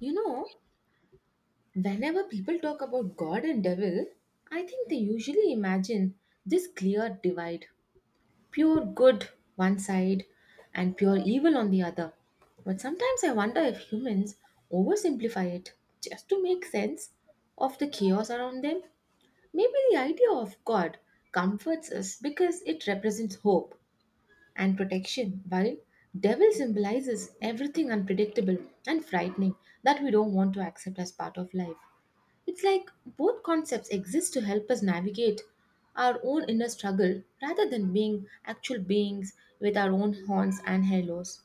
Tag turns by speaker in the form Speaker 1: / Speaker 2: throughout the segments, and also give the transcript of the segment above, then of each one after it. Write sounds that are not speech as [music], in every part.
Speaker 1: You know, whenever people talk about God and devil, I think they usually imagine this clear divide pure good one side and pure evil on the other. But sometimes I wonder if humans oversimplify it just to make sense of the chaos around them. Maybe the idea of God comforts us because it represents hope and protection, while devil symbolizes everything unpredictable and frightening that we don't want to accept as part of life. It's like both concepts exist to help us navigate our own inner struggle rather than being actual beings with our own horns and halos.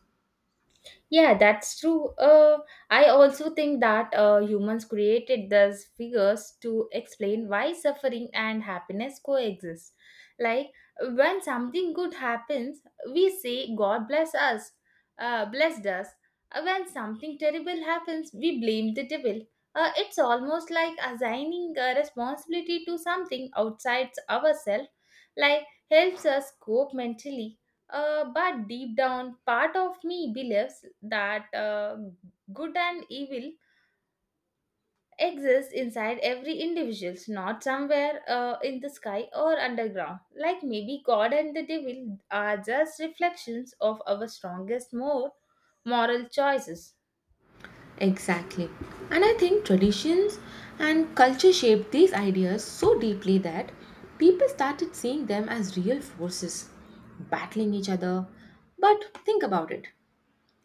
Speaker 2: Yeah, that's true. I also think that humans created these figures to explain why suffering and happiness coexist. Like when something good happens, we say God bless blessed us. When something terrible happens, we blame the devil. It's almost like assigning a responsibility to something outside ourselves, like helps us cope mentally, but deep down, part of me believes that good and evil exists inside every individual, not somewhere in the sky or underground. Like maybe God and the devil are just reflections of our strongest, more moral choices.
Speaker 1: Exactly. And I think traditions and culture shaped these ideas so deeply that people started seeing them as real forces, battling each other. But think about it.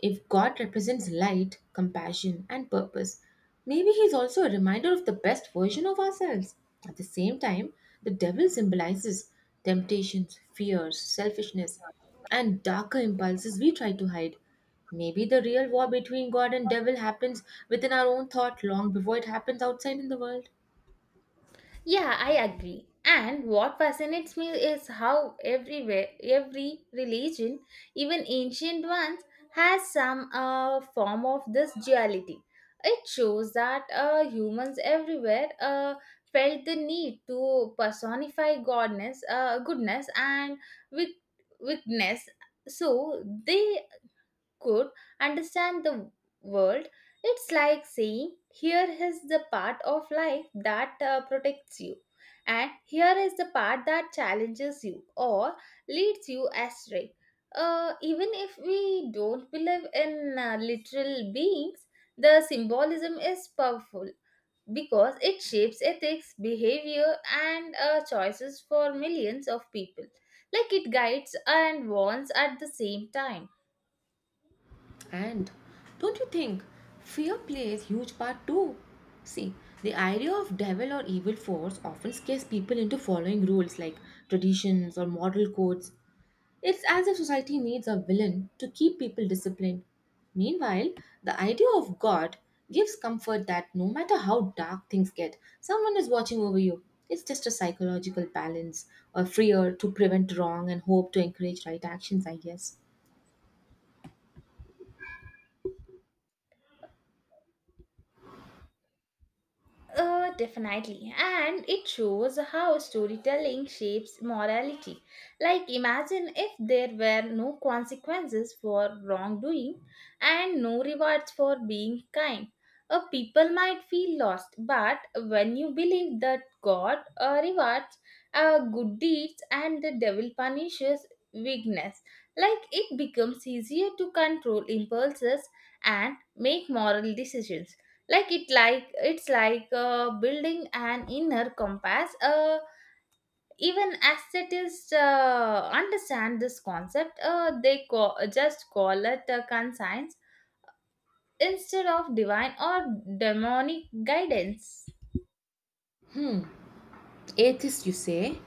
Speaker 1: If God represents light, compassion, and purpose, maybe he is also a reminder of the best version of ourselves. At the same time, the devil symbolizes temptations, fears, selfishness, and darker impulses we try to hide. Maybe the real war between God and devil happens within our own thought long before it happens outside in the world.
Speaker 2: Yeah, I agree. And what fascinates me is how everywhere, every religion, even ancient ones, has some form of this duality. It shows that humans everywhere felt the need to personify goodness, and weak- weakness. So they could understand the world. It's like saying, here is the part of life that protects you, and here is the part that challenges you or leads you astray. Even if we don't believe in literal beings, the symbolism is powerful because it shapes ethics, behavior, and choices for millions of people. Like it guides and warns at the same time.
Speaker 1: And don't you think fear plays huge part too? See, the idea of devil or evil force often scares people into following rules like traditions or moral codes. It's as if society needs a villain to keep people disciplined. Meanwhile, the idea of God gives comfort that no matter how dark things get, someone is watching over you. It's just a psychological balance, or fear to prevent wrong and hope to encourage right actions, I guess.
Speaker 2: Definitely. And it shows how storytelling shapes morality. Like, imagine if there were no consequences for wrongdoing and no rewards for being kind. People might feel lost, but when you believe that God rewards good deeds and the devil punishes weakness, like it becomes easier to control impulses and make moral decisions, like it's like building an inner compass, even aesthetists understand this concept, just call it a conscience instead of divine or demonic guidance.
Speaker 1: Atheists, you say.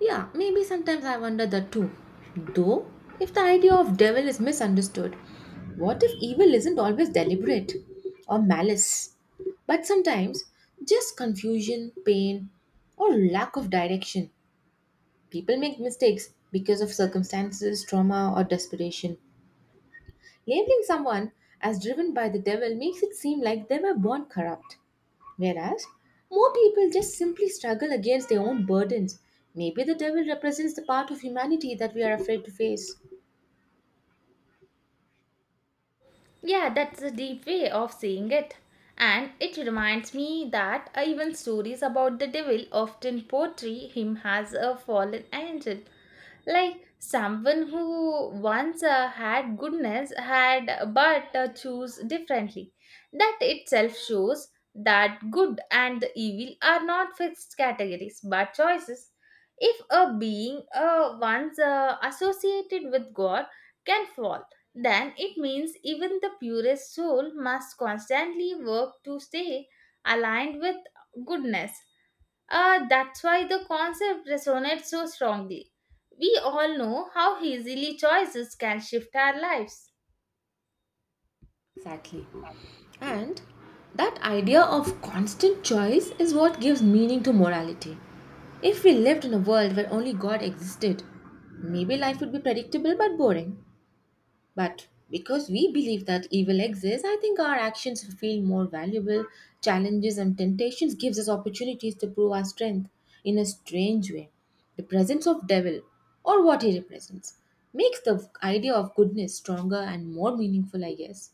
Speaker 1: Yeah, maybe sometimes I wonder that too. Though, if the idea of devil is misunderstood, what if evil isn't always deliberate or malice, but sometimes just confusion, pain, or lack of direction? People make mistakes because of circumstances, trauma, or desperation. Labeling someone as driven by the devil makes it seem like they were born corrupt. Whereas more people just simply struggle against their own burdens. Maybe the devil represents the part of humanity that we are afraid to face.
Speaker 2: Yeah, that's a deep way of seeing it, and it reminds me that even stories about the devil often portray him as a fallen angel, like someone who once had goodness had but choose differently. That itself shows that good and the evil are not fixed categories but choices. If a being, once associated with god can fall, then it means even the purest soul must constantly work to stay aligned with goodness. That's why the concept resonates so strongly. We all know how easily choices can shift our lives.
Speaker 1: Exactly. And that idea of constant choice is what gives meaning to morality. If we lived in a world where only God existed, maybe life would be predictable but boring. But because we believe that evil exists, I think our actions feel more valuable. Challenges and temptations gives us opportunities to prove our strength in a strange way. The presence of devil or what he represents makes the idea of goodness stronger and more meaningful, I guess.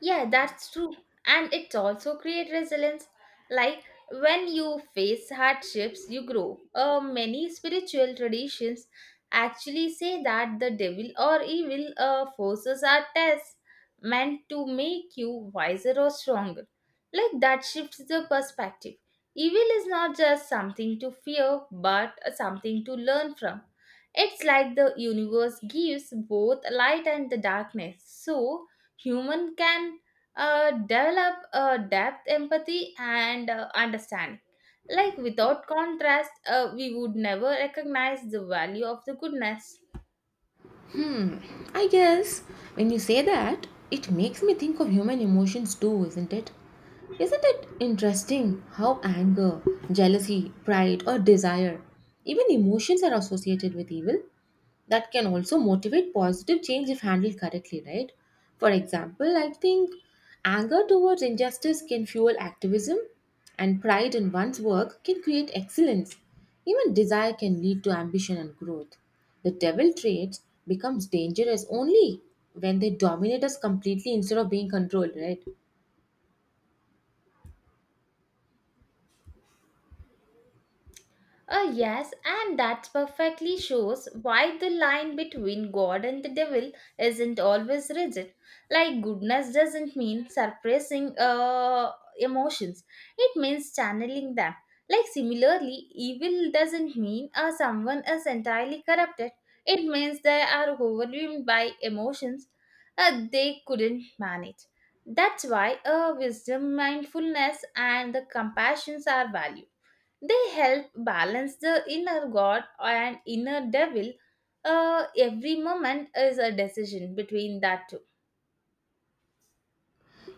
Speaker 2: Yeah, that's true. And it also creates resilience. Like when you face hardships, you grow. Many spiritual traditions actually say that the devil or evil forces are tests meant to make you wiser or stronger. Like that shifts the perspective. Evil is not just something to fear, but something to learn from. It's like the universe gives both light and the darkness. So, human can develop depth empathy and understanding. Like without contrast, we would never recognize the value of the goodness.
Speaker 1: Hmm, I guess when you say that, it makes me think of human emotions too, isn't it? Isn't it interesting how anger, jealousy, pride, or desire, even emotions are associated with evil? That can also motivate positive change if handled correctly, right? For example, I think anger towards injustice can fuel activism, and pride in one's work can create excellence. Even desire can lead to ambition and growth. The devil traits becomes dangerous only when they dominate us completely instead of being controlled, right?
Speaker 2: Yes, and that perfectly shows why the line between God and the devil isn't always rigid. Like, goodness doesn't mean suppressing emotions, it means channeling them. Like, similarly, evil doesn't mean someone is entirely corrupted, it means they are overwhelmed by emotions they couldn't manage. That's why wisdom, mindfulness, and the compassions are valued. They help balance the inner God and inner devil. Every moment is a decision between that two.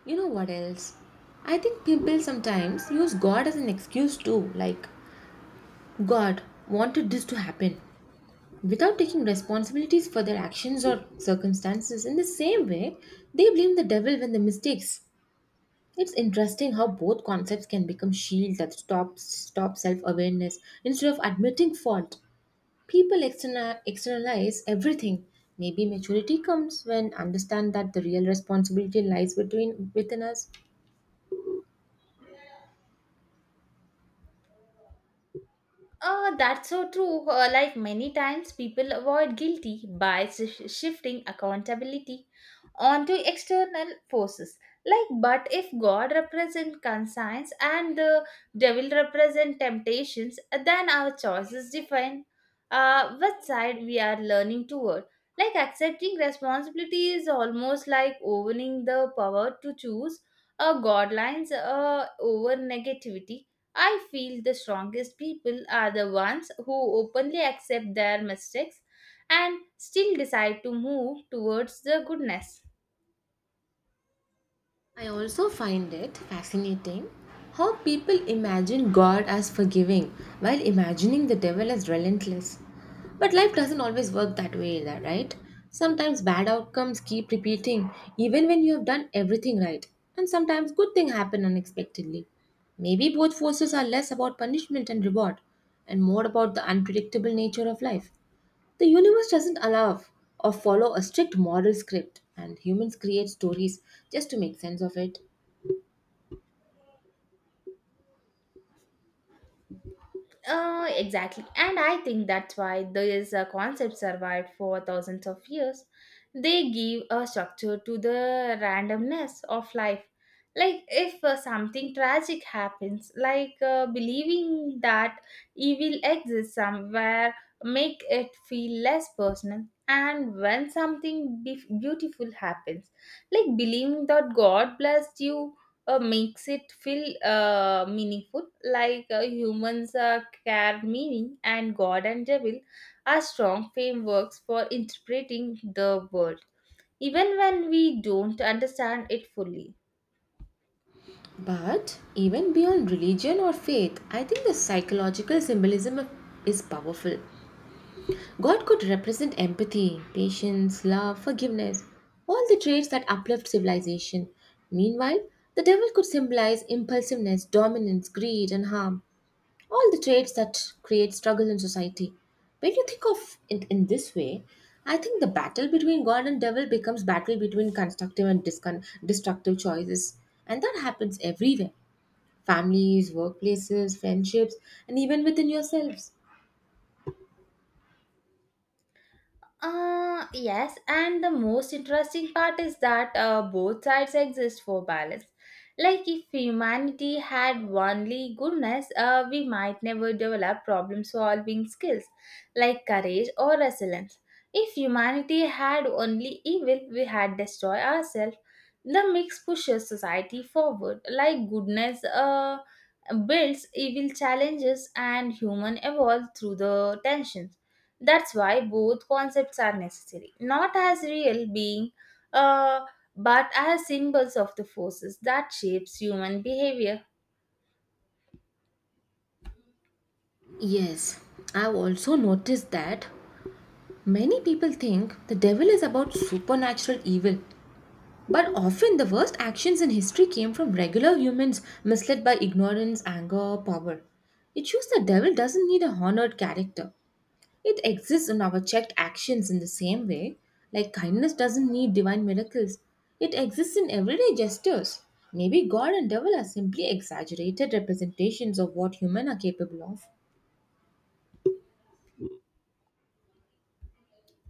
Speaker 1: You know what else? I think people sometimes use God as an excuse too, like God wanted this to happen without taking responsibilities for their actions or circumstances. In the same way, they blame the devil when they mistakes. It's interesting how both concepts can become shields that stop self awareness instead of admitting fault. People externalize everything. Maybe maturity comes when understand that the real responsibility lies between within us.
Speaker 2: That's so true. Like many times, people avoid guilty by shifting accountability onto external forces. Like, but if God represents conscience and the devil represents temptations, then our choices define which side we are learning toward. Like, accepting responsibility is almost like owning the power to choose God lines over negativity. I feel the strongest people are the ones who openly accept their mistakes and still decide to move towards the goodness.
Speaker 1: I also find it fascinating how people imagine God as forgiving while imagining the devil as relentless. But life doesn't always work that way, either, right? Sometimes bad outcomes keep repeating even when you have done everything right, and sometimes good things happen unexpectedly. Maybe both forces are less about punishment and reward and more about the unpredictable nature of life. The universe doesn't allow or follow a strict moral script, and humans create stories just to make sense of it.
Speaker 2: Exactly. And I think that's why these concepts survived for thousands of years. They give a structure to the randomness of life. Like, if something tragic happens, like believing that evil exists somewhere, make it feel less personal. And when something beautiful happens, like believing that God blessed you makes it feel meaningful, like humans care meaning, and god and devil are strong frameworks for interpreting the world even when we don't understand it fully.
Speaker 1: But even beyond religion or faith, I think the psychological symbolism is powerful. God could represent empathy, patience, love, forgiveness, all the traits that uplift civilization. Meanwhile, the devil could symbolize impulsiveness, dominance, greed, and harm, all the traits that create struggle in society. When you think of it in this way, I think the battle between God and devil becomes battle between constructive and destructive choices, and that happens everywhere: families, workplaces, friendships, and even within yourselves.
Speaker 2: Yes, and the most interesting part is that both sides exist for balance. Like, if humanity had only goodness, we might never develop problem solving skills like courage or resilience. If humanity had only evil, we had destroyed ourselves. The mix pushes society forward. Like, goodness builds, evil challenges, and human evolve through the tensions. That's why both concepts are necessary, not as real being, uh, but as symbols of the forces that shapes human behavior.
Speaker 1: Yes, I've also noticed that many people think the devil is about supernatural evil, but often the worst actions in history came from regular humans misled by ignorance, anger, or power. It shows the devil doesn't need a honored character. It exists in our checked actions in the same way. Like kindness doesn't need divine miracles. It exists in everyday gestures. Maybe God and devil are simply exaggerated representations of what human are capable of.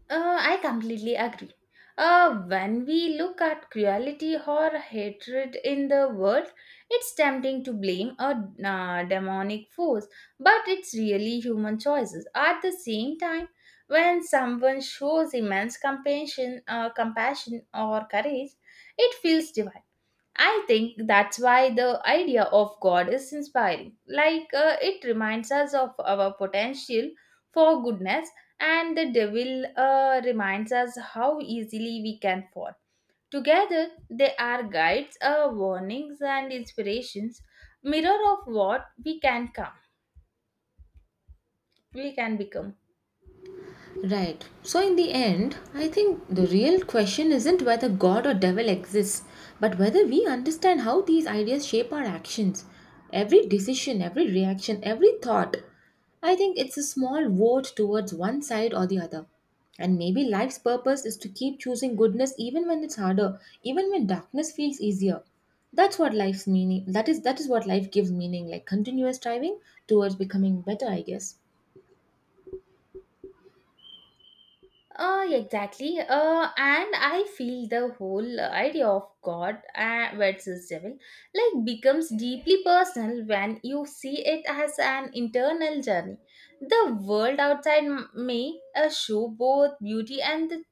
Speaker 2: I completely agree. When we look at cruelty or hatred in the world, it's tempting to blame a demonic force, but it's really human choices. At the same time, when someone shows immense compassion or courage, it feels divine. I think that's why the idea of God is inspiring. Like it reminds us of our potential for goodness, and the devil reminds us how easily we can fall. Together, they are guides, warnings, and inspirations, mirror of what we can become.
Speaker 1: Right. So, in the end, I think the real question isn't whether God or devil exists, but whether we understand how these ideas shape our actions. Every decision, every reaction, every thought. I think it's a small vote towards one side or the other. And maybe life's purpose is to keep choosing goodness even when it's harder, even when darkness feels easier. That's what life's meaning. That is what life gives meaning, like continuous striving towards becoming better, I guess.
Speaker 2: Exactly. And I feel the whole idea of God versus devil like becomes deeply personal when you see it as an internal journey. The world outside may show both beauty and the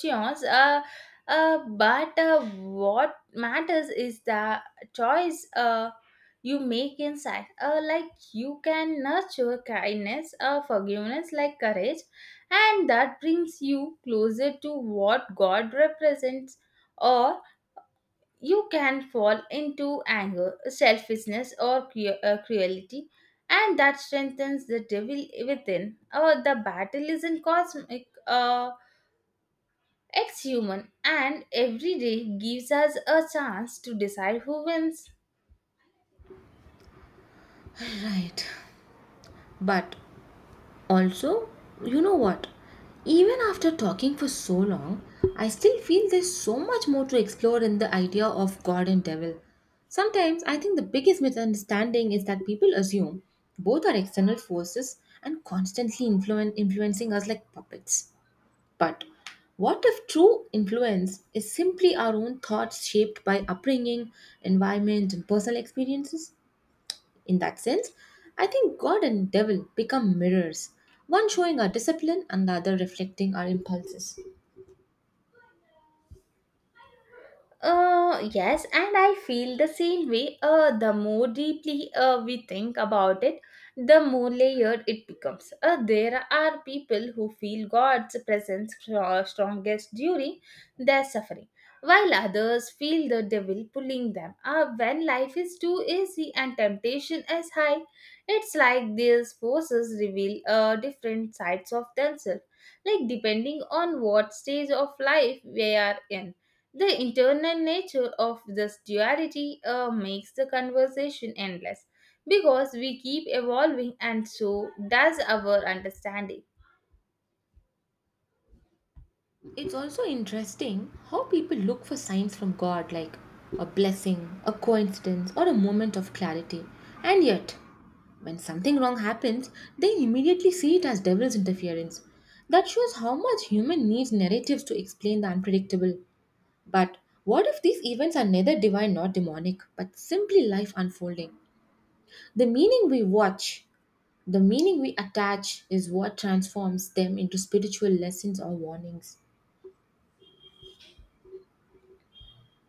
Speaker 2: chaos. But what matters is the choice you make inside. Like you can nurture kindness, forgiveness, like courage, and that brings you closer to what God represents, or you can fall into anger, selfishness, or cruelty, and that strengthens the devil within. Or the battle isn't cosmic, it's human, and every day gives us a chance to decide who wins.
Speaker 1: Right. But also, you know what? Even after talking for so long, I still feel there's so much more to explore in the idea of God and devil. Sometimes I think the biggest misunderstanding is that people assume both are external forces and constantly influencing us like puppets. But what if true influence is simply our own thoughts shaped by upbringing, environment, and personal experiences? In that sense, I think God and devil become mirrors, one showing our discipline and the other reflecting our impulses.
Speaker 2: Yes, and I feel the same way. The more deeply we think about it, the more layered it becomes. There are people who feel God's presence strongest during their suffering, while others feel the devil pulling them. When life is too easy and temptation is high, it's like these forces reveal different sides of themselves, like depending on what stage of life we are in. The internal nature of this duality makes the conversation endless because we keep evolving and so does our understanding.
Speaker 1: It's also interesting how people look for signs from God, like a blessing, a coincidence, or a moment of clarity. And yet, when something wrong happens, they immediately see it as devil's interference. That shows how much human needs narratives to explain the unpredictable. But what if these events are neither divine nor demonic, but simply life unfolding? The meaning we watch, the meaning we attach, is what transforms them into spiritual lessons or warnings.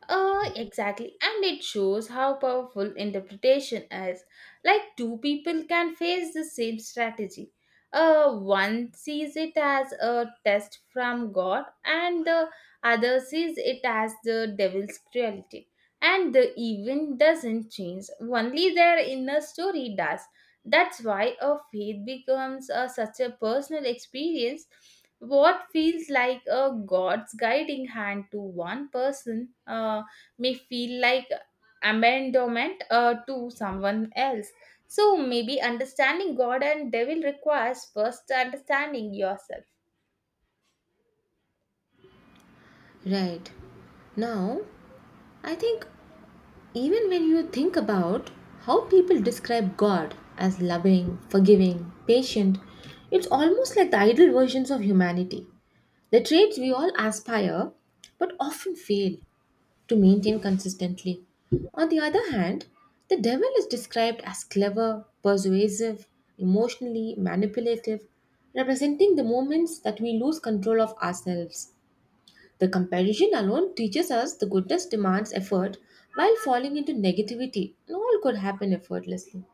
Speaker 2: Exactly, and it shows how powerful interpretation is. Like two people can face the same strategy. One sees it as a test from God, and the other sees it as the devil's cruelty. And the event doesn't change, only their inner story does. That's why a faith becomes a, such a personal experience. What feels like a God's guiding hand to one person may feel like abandonment to someone else. So maybe understanding God and devil requires first understanding yourself.
Speaker 1: Right. Now, I think even when you think about how people describe God as loving, forgiving, patient, it's almost like the ideal versions of humanity. The traits we all aspire but often fail to maintain consistently. On the other hand, the devil is described as clever, persuasive, emotionally manipulative, representing the moments that we lose control of ourselves. The comparison alone teaches us the goodness demands effort while falling into negativity and all could happen effortlessly.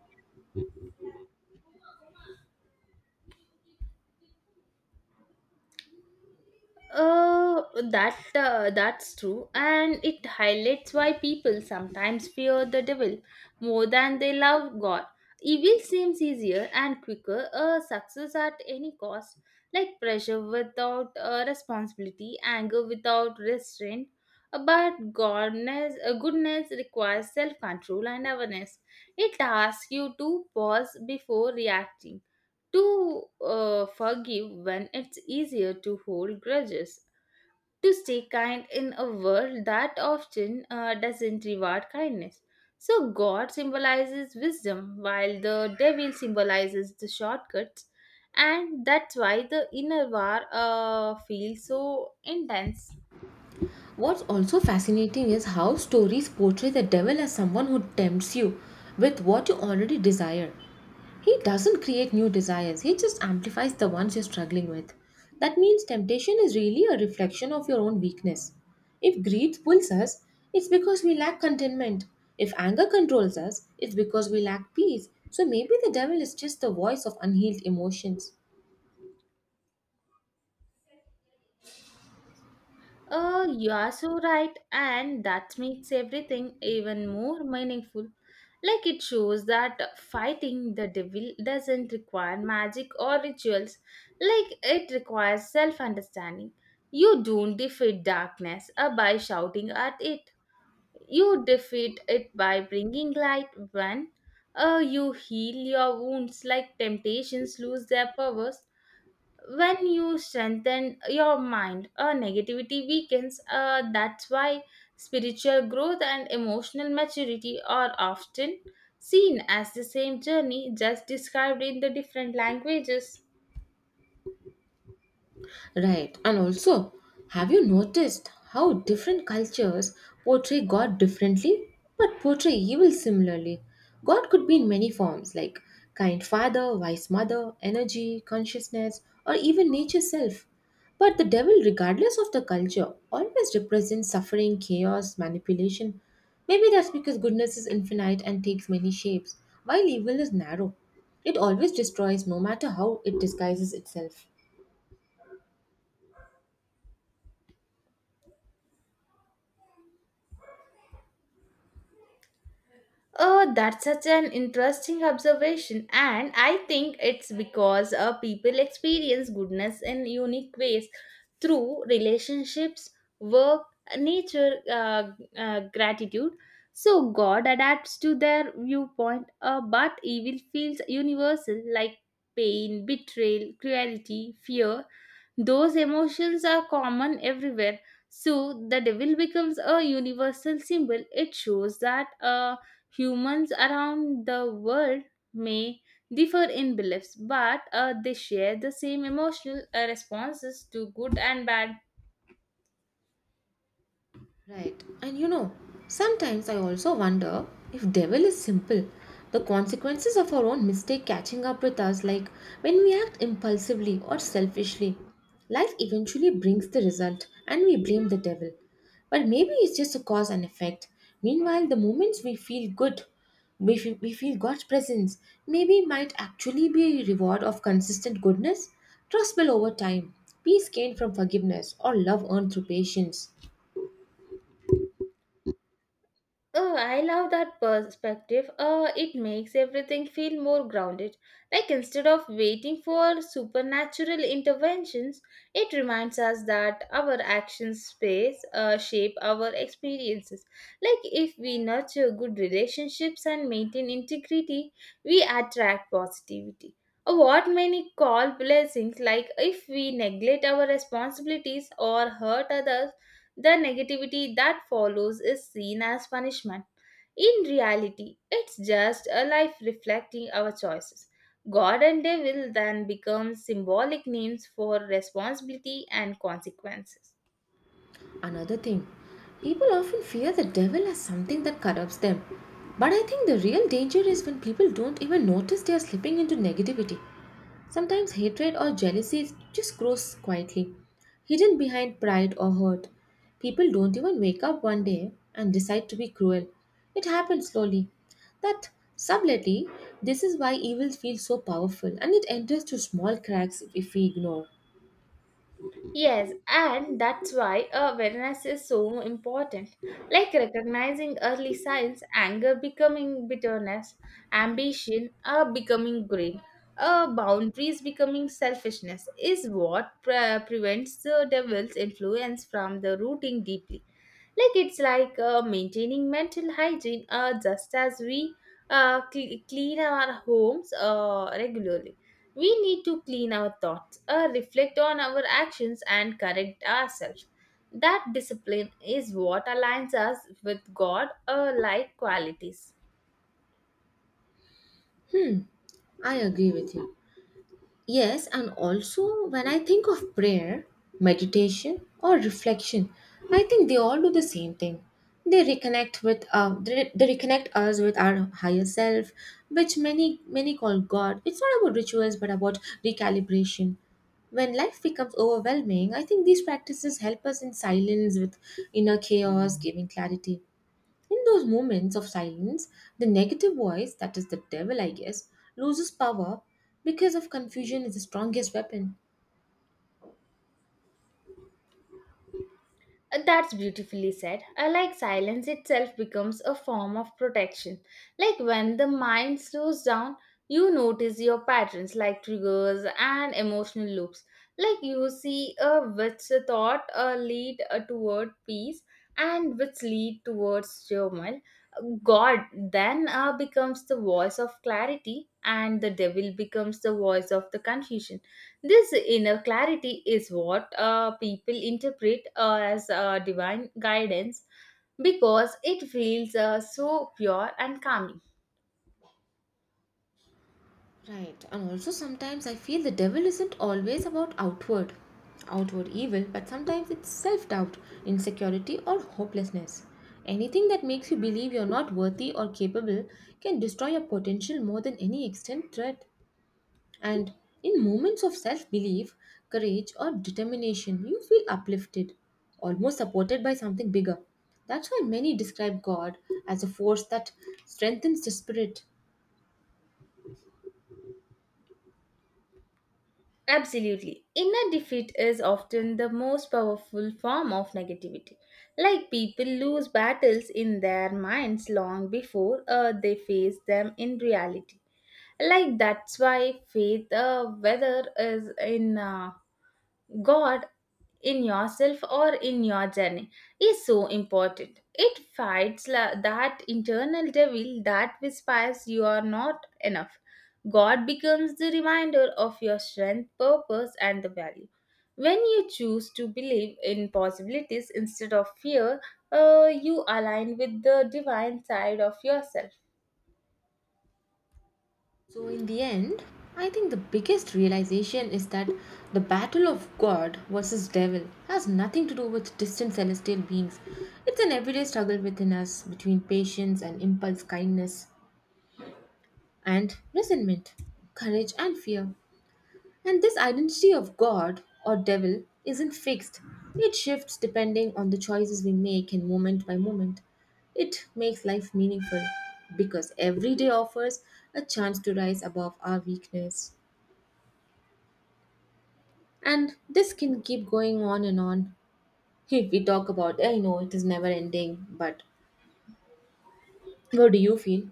Speaker 2: Uh, that that's true, and it highlights why people sometimes fear the devil more than they love God. Evil seems easier and quicker. Success at any cost, like pressure without responsibility, anger without restraint. But goodness requires self-control and awareness. It asks you to pause before reacting to forgive when it's easier to hold grudges, to stay kind in a world that often doesn't reward kindness. So, God symbolizes wisdom while the devil symbolizes the shortcuts, and that's why the inner war feels so intense.
Speaker 1: What's also fascinating is how stories portray the devil as someone who tempts you with what you already desire. He doesn't create new desires, he just amplifies the ones you're struggling with. That means temptation is really a reflection of your own weakness. If greed pulls us, it's because we lack contentment. If anger controls us, it's because we lack peace. So maybe the devil is just the voice of unhealed emotions.
Speaker 2: Oh, you are so right, and that makes everything even more meaningful. Like it shows that fighting the devil doesn't require magic or rituals, like it requires self understanding. You don't defeat darkness by shouting at it, you defeat it by bringing light. When you heal your wounds, like temptations lose their powers when you strengthen your mind, negativity weakens. That's why spiritual growth and emotional maturity are often seen as the same journey, just described in the different languages.
Speaker 1: Right. And also, have you noticed how different cultures portray God differently but portray evil similarly? God could be in many forms like kind father, wise mother, energy, consciousness, or even nature self. But the devil, regardless of the culture, always represents suffering, chaos, manipulation. Maybe that's because goodness is infinite and takes many shapes, while evil is narrow. It always destroys no matter how it disguises itself.
Speaker 2: Oh, that's such an interesting observation, and I think it's because people experience goodness in unique ways through relationships, work, nature, gratitude. So, God adapts to their viewpoint, but evil feels universal like pain, betrayal, cruelty, fear. Those emotions are common everywhere. So, the devil becomes a universal symbol. It shows that. Humans around the world may differ in beliefs, but they share the same emotional responses to good and bad.
Speaker 1: Right. And you know, sometimes I also wonder if devil is simple. The consequences of our own mistake catching up with us, like when we act impulsively or selfishly, life eventually brings the result and we blame the devil. But maybe it's just a cause and effect. Meanwhile, the moments we feel good, we feel God's presence, maybe might actually be a reward of consistent goodness, trust built over time, peace gained from forgiveness, or love earned through patience.
Speaker 2: Oh, I love that perspective. It makes everything feel more grounded. Like instead of waiting for supernatural interventions, it reminds us that our actions space shape our experiences. Like if we nurture good relationships and maintain integrity, we attract positivity. What many call blessings, like if we neglect our responsibilities or hurt others, the negativity that follows is seen as punishment. In reality, it's just a life reflecting our choices. God and devil then become symbolic names for responsibility and consequences.
Speaker 1: Another thing, people often fear the devil as something that corrupts them. But I think the real danger is when people don't even notice they are slipping into negativity. Sometimes hatred or jealousy just grows quietly, hidden behind pride or hurt. People don't even wake up one day and decide to be cruel. It happens slowly. That Subtly, this is why evil feels so powerful and it enters through small cracks if we ignore.
Speaker 2: Yes, and that's why awareness is so important. Like recognizing early signs, anger becoming bitterness, ambition becoming greed, boundaries becoming selfishness is what prevents the devil's influence from the rooting deeply. Like it's like maintaining mental hygiene just as we clean our homes regularly. We need to clean our thoughts, reflect on our actions, and correct ourselves. That discipline is what aligns us with God, like qualities.
Speaker 1: Hmm, I agree with you. Yes, and also when I think of prayer, meditation, or reflection, I think they all do the same thing. They reconnect us with our higher self, which many call God. It's not about rituals, but about recalibration. When life becomes overwhelming, I think these practices help us in silence with inner chaos, giving clarity. In those moments of silence, the negative voice, that is the devil, I guess, loses power because of confusion is the strongest weapon.
Speaker 2: That's beautifully said. I like silence itself becomes a form of protection. Like when the mind slows down, you notice your patterns like triggers and emotional loops. Like you see which thought lead toward peace and which lead towards turmoil. God then becomes the voice of clarity and the devil becomes the voice of the confusion. This inner clarity is what people interpret as divine guidance because it feels so pure and calming.
Speaker 1: Right, and also sometimes I feel the devil isn't always about outward evil, but sometimes it's self-doubt, insecurity or hopelessness. Anything that makes you believe you're not worthy or capable can destroy your potential more than any extent threat. And in moments of self belief, courage, or determination, you feel uplifted, almost supported by something bigger. That's why many describe God as a force that strengthens the spirit.
Speaker 2: Absolutely. Inner defeat is often the most powerful form of negativity. Like people lose battles in their minds long before they face them in reality, like that's why faith, whether is in god, in yourself or in your journey, is so important. It fights that internal devil that whispers you are not enough. God becomes the reminder of your strength, purpose, and the value. When you choose to believe in possibilities instead of fear, you align with the divine side of yourself.
Speaker 1: So, in the end, I think the biggest realization is that the battle of God versus devil has nothing to do with distant celestial beings. It's an everyday struggle within us between patience and impulse, kindness and resentment, courage and fear. And this identity of God or devil isn't fixed, it shifts depending on the choices we make in moment by moment. It makes life meaningful because every day offers a chance to rise above our weakness. And this can keep going on and on. [laughs] If we talk about, I know it is never ending, but what do you feel?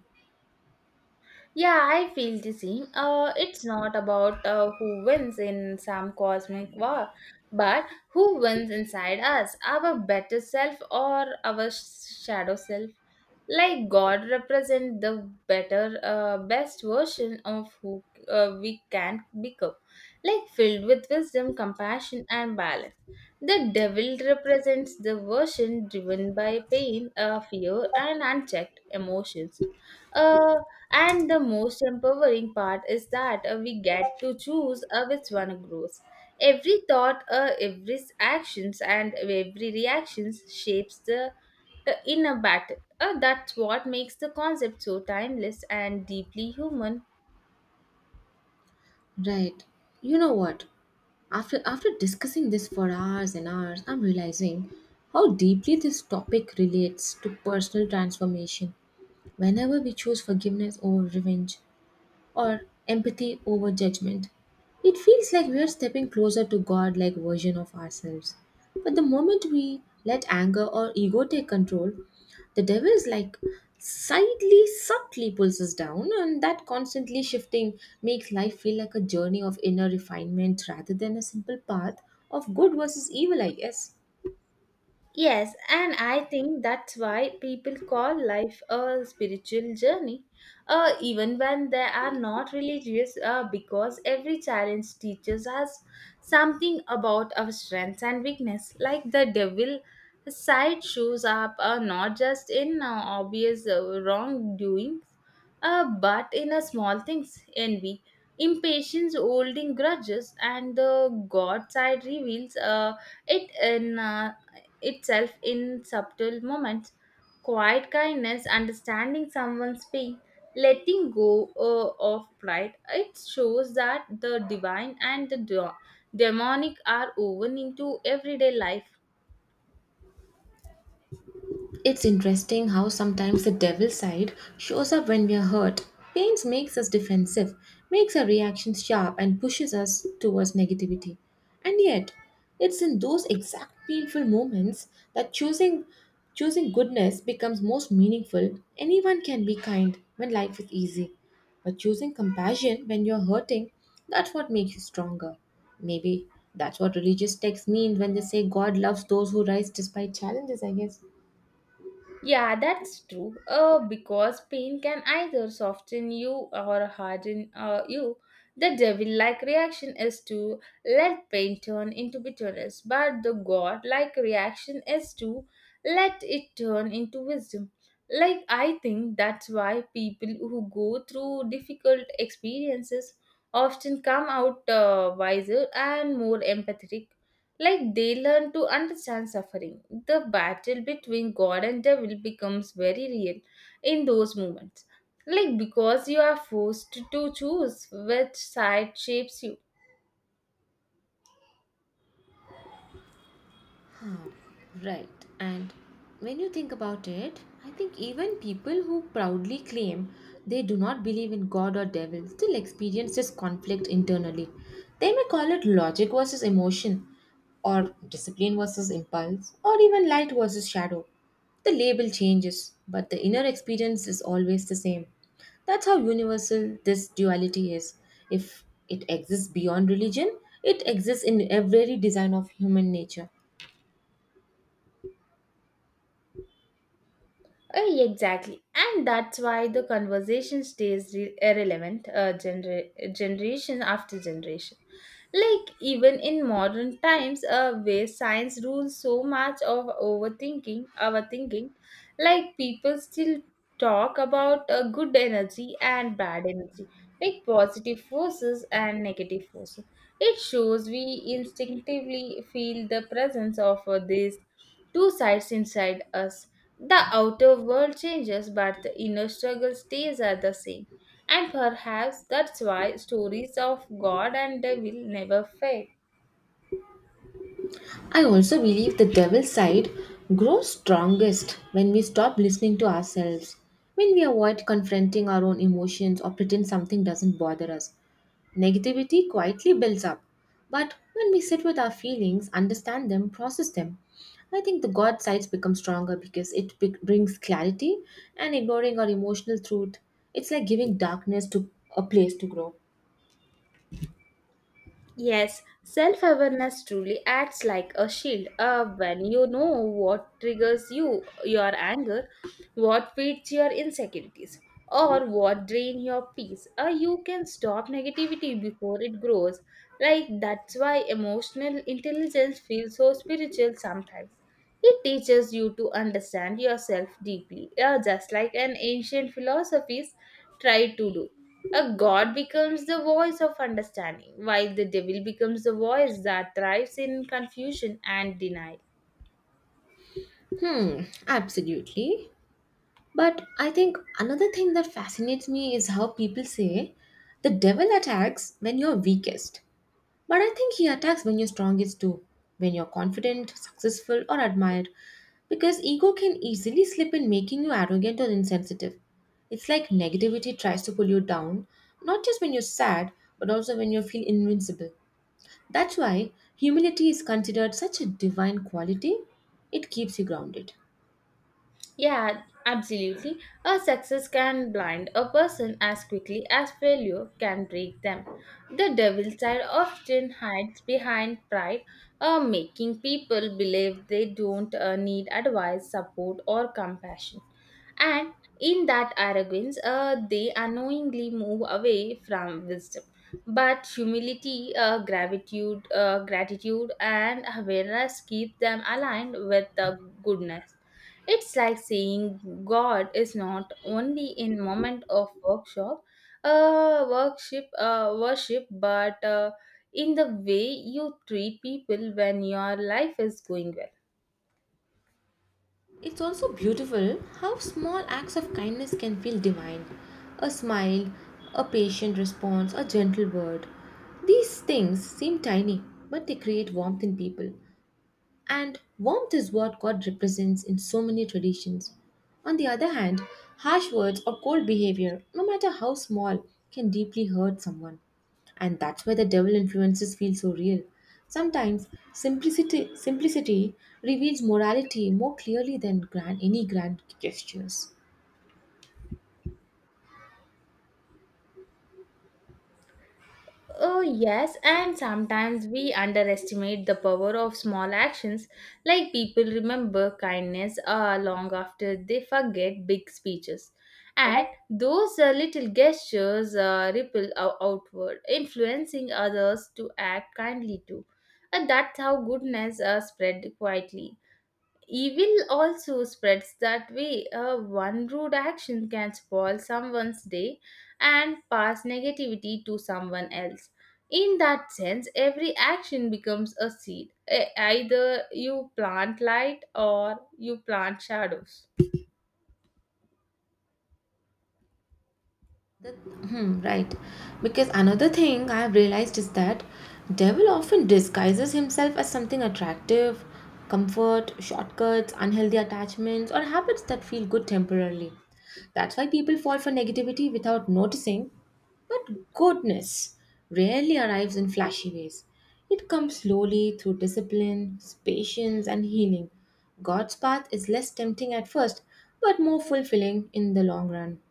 Speaker 2: Yeah, I feel the same. It's not about who wins in some cosmic war, but who wins inside us, our better self or our shadow self, like god represent the better best version of who we can become, like filled with wisdom compassion and balance. The devil represents the version driven by pain, fear and unchecked emotions, uh, and the most empowering part is that we get to choose which one grows. Every thought, every actions and every reactions shapes the inner battle, that's what makes the concept so timeless and deeply human.
Speaker 1: Right. You know what? After discussing this for hours and hours, I'm realizing how deeply this topic relates to personal transformation. Whenever we choose forgiveness over revenge, or empathy over judgment. It feels like we are stepping closer to God like version of ourselves. But the moment we let anger or ego take control, the devil is like slightly subtly pulls us down and that constantly shifting makes life feel like a journey of inner refinement rather than a simple path of good versus evil, I guess.
Speaker 2: Yes, and I think that's why people call life a spiritual journey, even when they are not religious, because every challenge teaches us something about our strengths and weakness. Like the devil side shows up not just in obvious wrongdoings, but in a small things envy, impatience, holding grudges, and the God side reveals. It in itself in subtle moments. Quiet kindness, understanding someone's pain, letting go of pride. It shows that the divine and the demonic are woven into everyday life.
Speaker 1: It's interesting how sometimes the devil side shows up when we are hurt. Pains makes us defensive, makes our reactions sharp, and pushes us towards negativity. And yet, it's in those exact painful moments that choosing goodness becomes most meaningful. Anyone can be kind when life is easy, but choosing compassion when you're hurting, that's what makes you stronger. Maybe that's what religious texts mean when they say God loves those who rise despite challenges, I guess.
Speaker 2: Yeah, that's true. Because pain can either soften you or harden you. The devil-like reaction is to let pain turn into bitterness, but the god-like reaction is to let it turn into wisdom. Like I think that's why people who go through difficult experiences often come out wiser and more empathetic, like they learn to understand suffering. The battle between God and devil becomes very real in those moments. Like because you are forced to choose which side shapes you.
Speaker 1: Right. And when you think about it, I think even people who proudly claim they do not believe in God or devil still experience this conflict internally. They may call it logic versus emotion, or discipline versus impulse, or even light versus shadow. The label changes, but the inner experience is always the same. That's how universal this duality is. If it exists beyond religion, it exists in every design of human nature.
Speaker 2: Exactly. And that's why the conversation stays irrelevant generation after generation. Like, even in modern times, where science rules so much of overthinking, our thinking, like, people still talk about good energy and bad energy, like positive forces and negative forces. It shows we instinctively feel the presence of these two sides inside us. The outer world changes, but the inner struggle stays at the same. And perhaps that's why stories of God and devil never fade.
Speaker 1: I also believe the devil's side grows strongest when we stop listening to ourselves, when we avoid confronting our own emotions or pretend something doesn't bother us. Negativity quietly builds up. But when we sit with our feelings, understand them, process them, I think the God sides become stronger because it brings clarity and ignoring our emotional truth. It's like giving darkness to a place to grow.
Speaker 2: Yes, self awareness truly acts like a shield. When you know what triggers you, your anger, what feeds your insecurities, or what drains your peace, you can stop negativity before it grows. Like, that's why emotional intelligence feels so spiritual sometimes. It teaches you to understand yourself deeply, yeah, just like an ancient philosophies tried to do. A god becomes the voice of understanding, while the devil becomes the voice that thrives in confusion and denial.
Speaker 1: Hmm, absolutely. But I think another thing that fascinates me is how people say the devil attacks when you're weakest. But I think he attacks when you're strongest too, when you're confident, successful, or admired. Because ego can easily slip in making you arrogant or insensitive. It's like negativity tries to pull you down, not just when you're sad, but also when you feel invincible. That's why humility is considered such a divine quality. It keeps you grounded.
Speaker 2: Yeah, absolutely. A success can blind a person as quickly as failure can break them. The devil side often hides behind pride, making people believe they don't need advice, support, or compassion. And in that arrogance, they unknowingly move away from wisdom. But humility, gratitude, and awareness keep them aligned with goodness. It's like saying God is not only in moment of worship, but in the way you treat people when your life is going well.
Speaker 1: It's also beautiful how small acts of kindness can feel divine. A smile, a patient response, a gentle word. These things seem tiny, but they create warmth in people. And warmth is what God represents in so many traditions. On the other hand, harsh words or cold behavior, no matter how small, can deeply hurt someone. And that's why the devil influences feel so real. Sometimes simplicity reveals morality more clearly than any grand gestures.
Speaker 2: Oh, yes, and sometimes we underestimate the power of small actions, like people remember kindness long after they forget big speeches. And those little gestures outward, influencing others to act kindly too. And that's how goodness spread quietly. Evil also spreads that way. One rude action can spoil someone's day and pass negativity to someone else. In that sense, every action becomes a seed. Either you plant light or you plant shadows.
Speaker 1: Right. Because another thing I've realized is that devil often disguises himself as something attractive, comfort, shortcuts, unhealthy attachments, or habits that feel good temporarily. That's why people fall for negativity without noticing. But goodness rarely arrives in flashy ways. It comes slowly through discipline, patience, and healing. God's path is less tempting at first, but more fulfilling in the long run.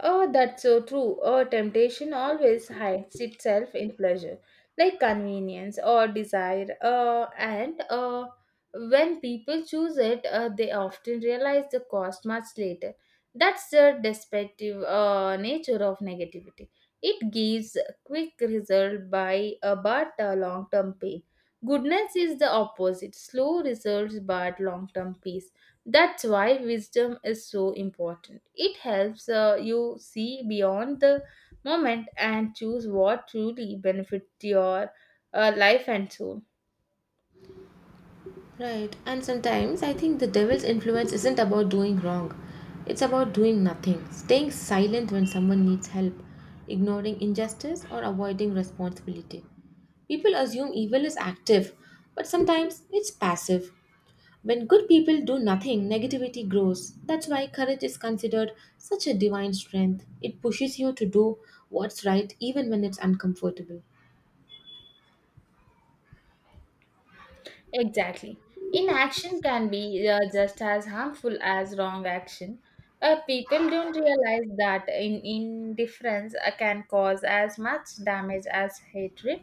Speaker 2: Oh, that's so true. Oh, temptation always hides itself in pleasure, like convenience or desire. And when people choose it, they often realize the cost much later. That's the destructive nature of negativity. It gives quick result by but long-term pain. Goodness is the opposite: slow results but long-term peace. That's why wisdom is so important. It helps you see beyond the moment and choose what truly benefits your life and soul.
Speaker 1: Right, and sometimes I think the devil's influence isn't about doing wrong, it's about doing nothing, staying silent when someone needs help, ignoring injustice, or avoiding responsibility. People assume evil is active, but sometimes it's passive. When good people do nothing, negativity grows. That's why courage is considered such a divine strength. It pushes you to do what's right even when it's uncomfortable.
Speaker 2: Exactly. Inaction can be just as harmful as wrong action. People don't realize that in indifference can cause as much damage as hatred.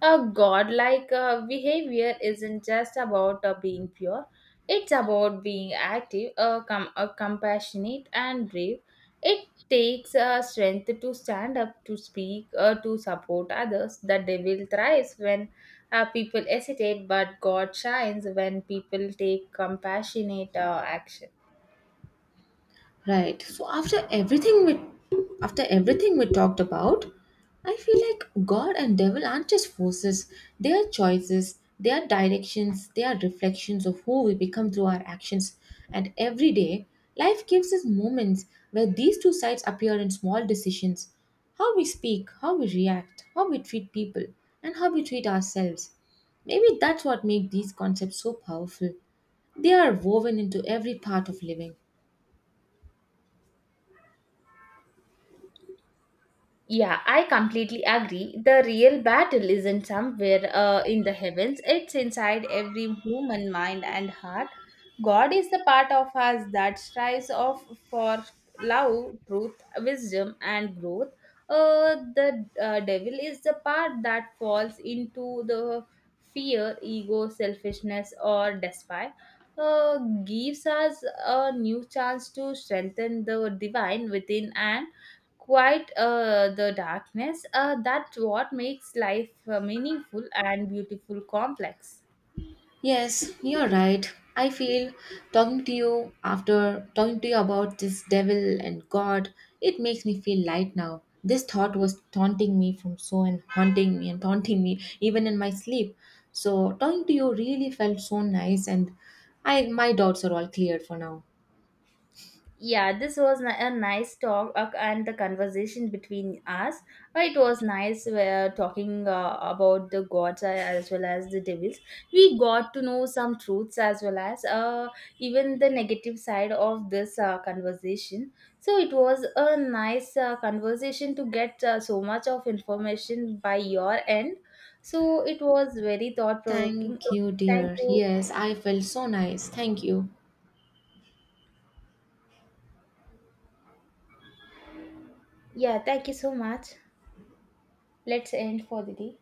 Speaker 2: A godlike behavior isn't just about being pure, it's about being active, compassionate, and brave. It takes strength to stand up, to speak, to support others. The devil thrives when people hesitate, but God shines when people take compassionate action.
Speaker 1: Right. So after everything we talked about, I feel like God and devil aren't just forces. They are choices, they are directions, they are reflections of who we become through our actions. And every day, life gives us moments where these two sides appear in small decisions. How we speak, how we react, how we treat people, and how we treat ourselves. Maybe that's what makes these concepts so powerful. They are woven into every part of living.
Speaker 2: Yeah, I completely agree. The real battle isn't somewhere in the heavens, it's inside every human mind and heart. God is the part of us that strives of for love, truth, wisdom, and growth. The devil is the part that falls into the fear, ego, selfishness, or despair. Uh, gives us a new chance to strengthen the divine within and quite the darkness, that's what makes life meaningful and beautiful complex.
Speaker 1: Yes, you're right. I feel talking to you after talking to you about this devil and God, it makes me feel light now. This thought was taunting me from so and haunting me and taunting me even in my sleep. So talking to you really felt so nice and I my doubts are all cleared for now.
Speaker 2: Yeah, this was a nice talk and the conversation between us. It was nice talking about the gods as well as the devils. We got to know some truths as well as even the negative side of this conversation. So it was a nice conversation to get so much of information by your end. So it was very thought provoking.
Speaker 1: Thank you,
Speaker 2: Thank
Speaker 1: dear.
Speaker 2: you.
Speaker 1: Yes, I felt so nice. Thank you.
Speaker 2: Yeah, thank you so much. Let's end for the day.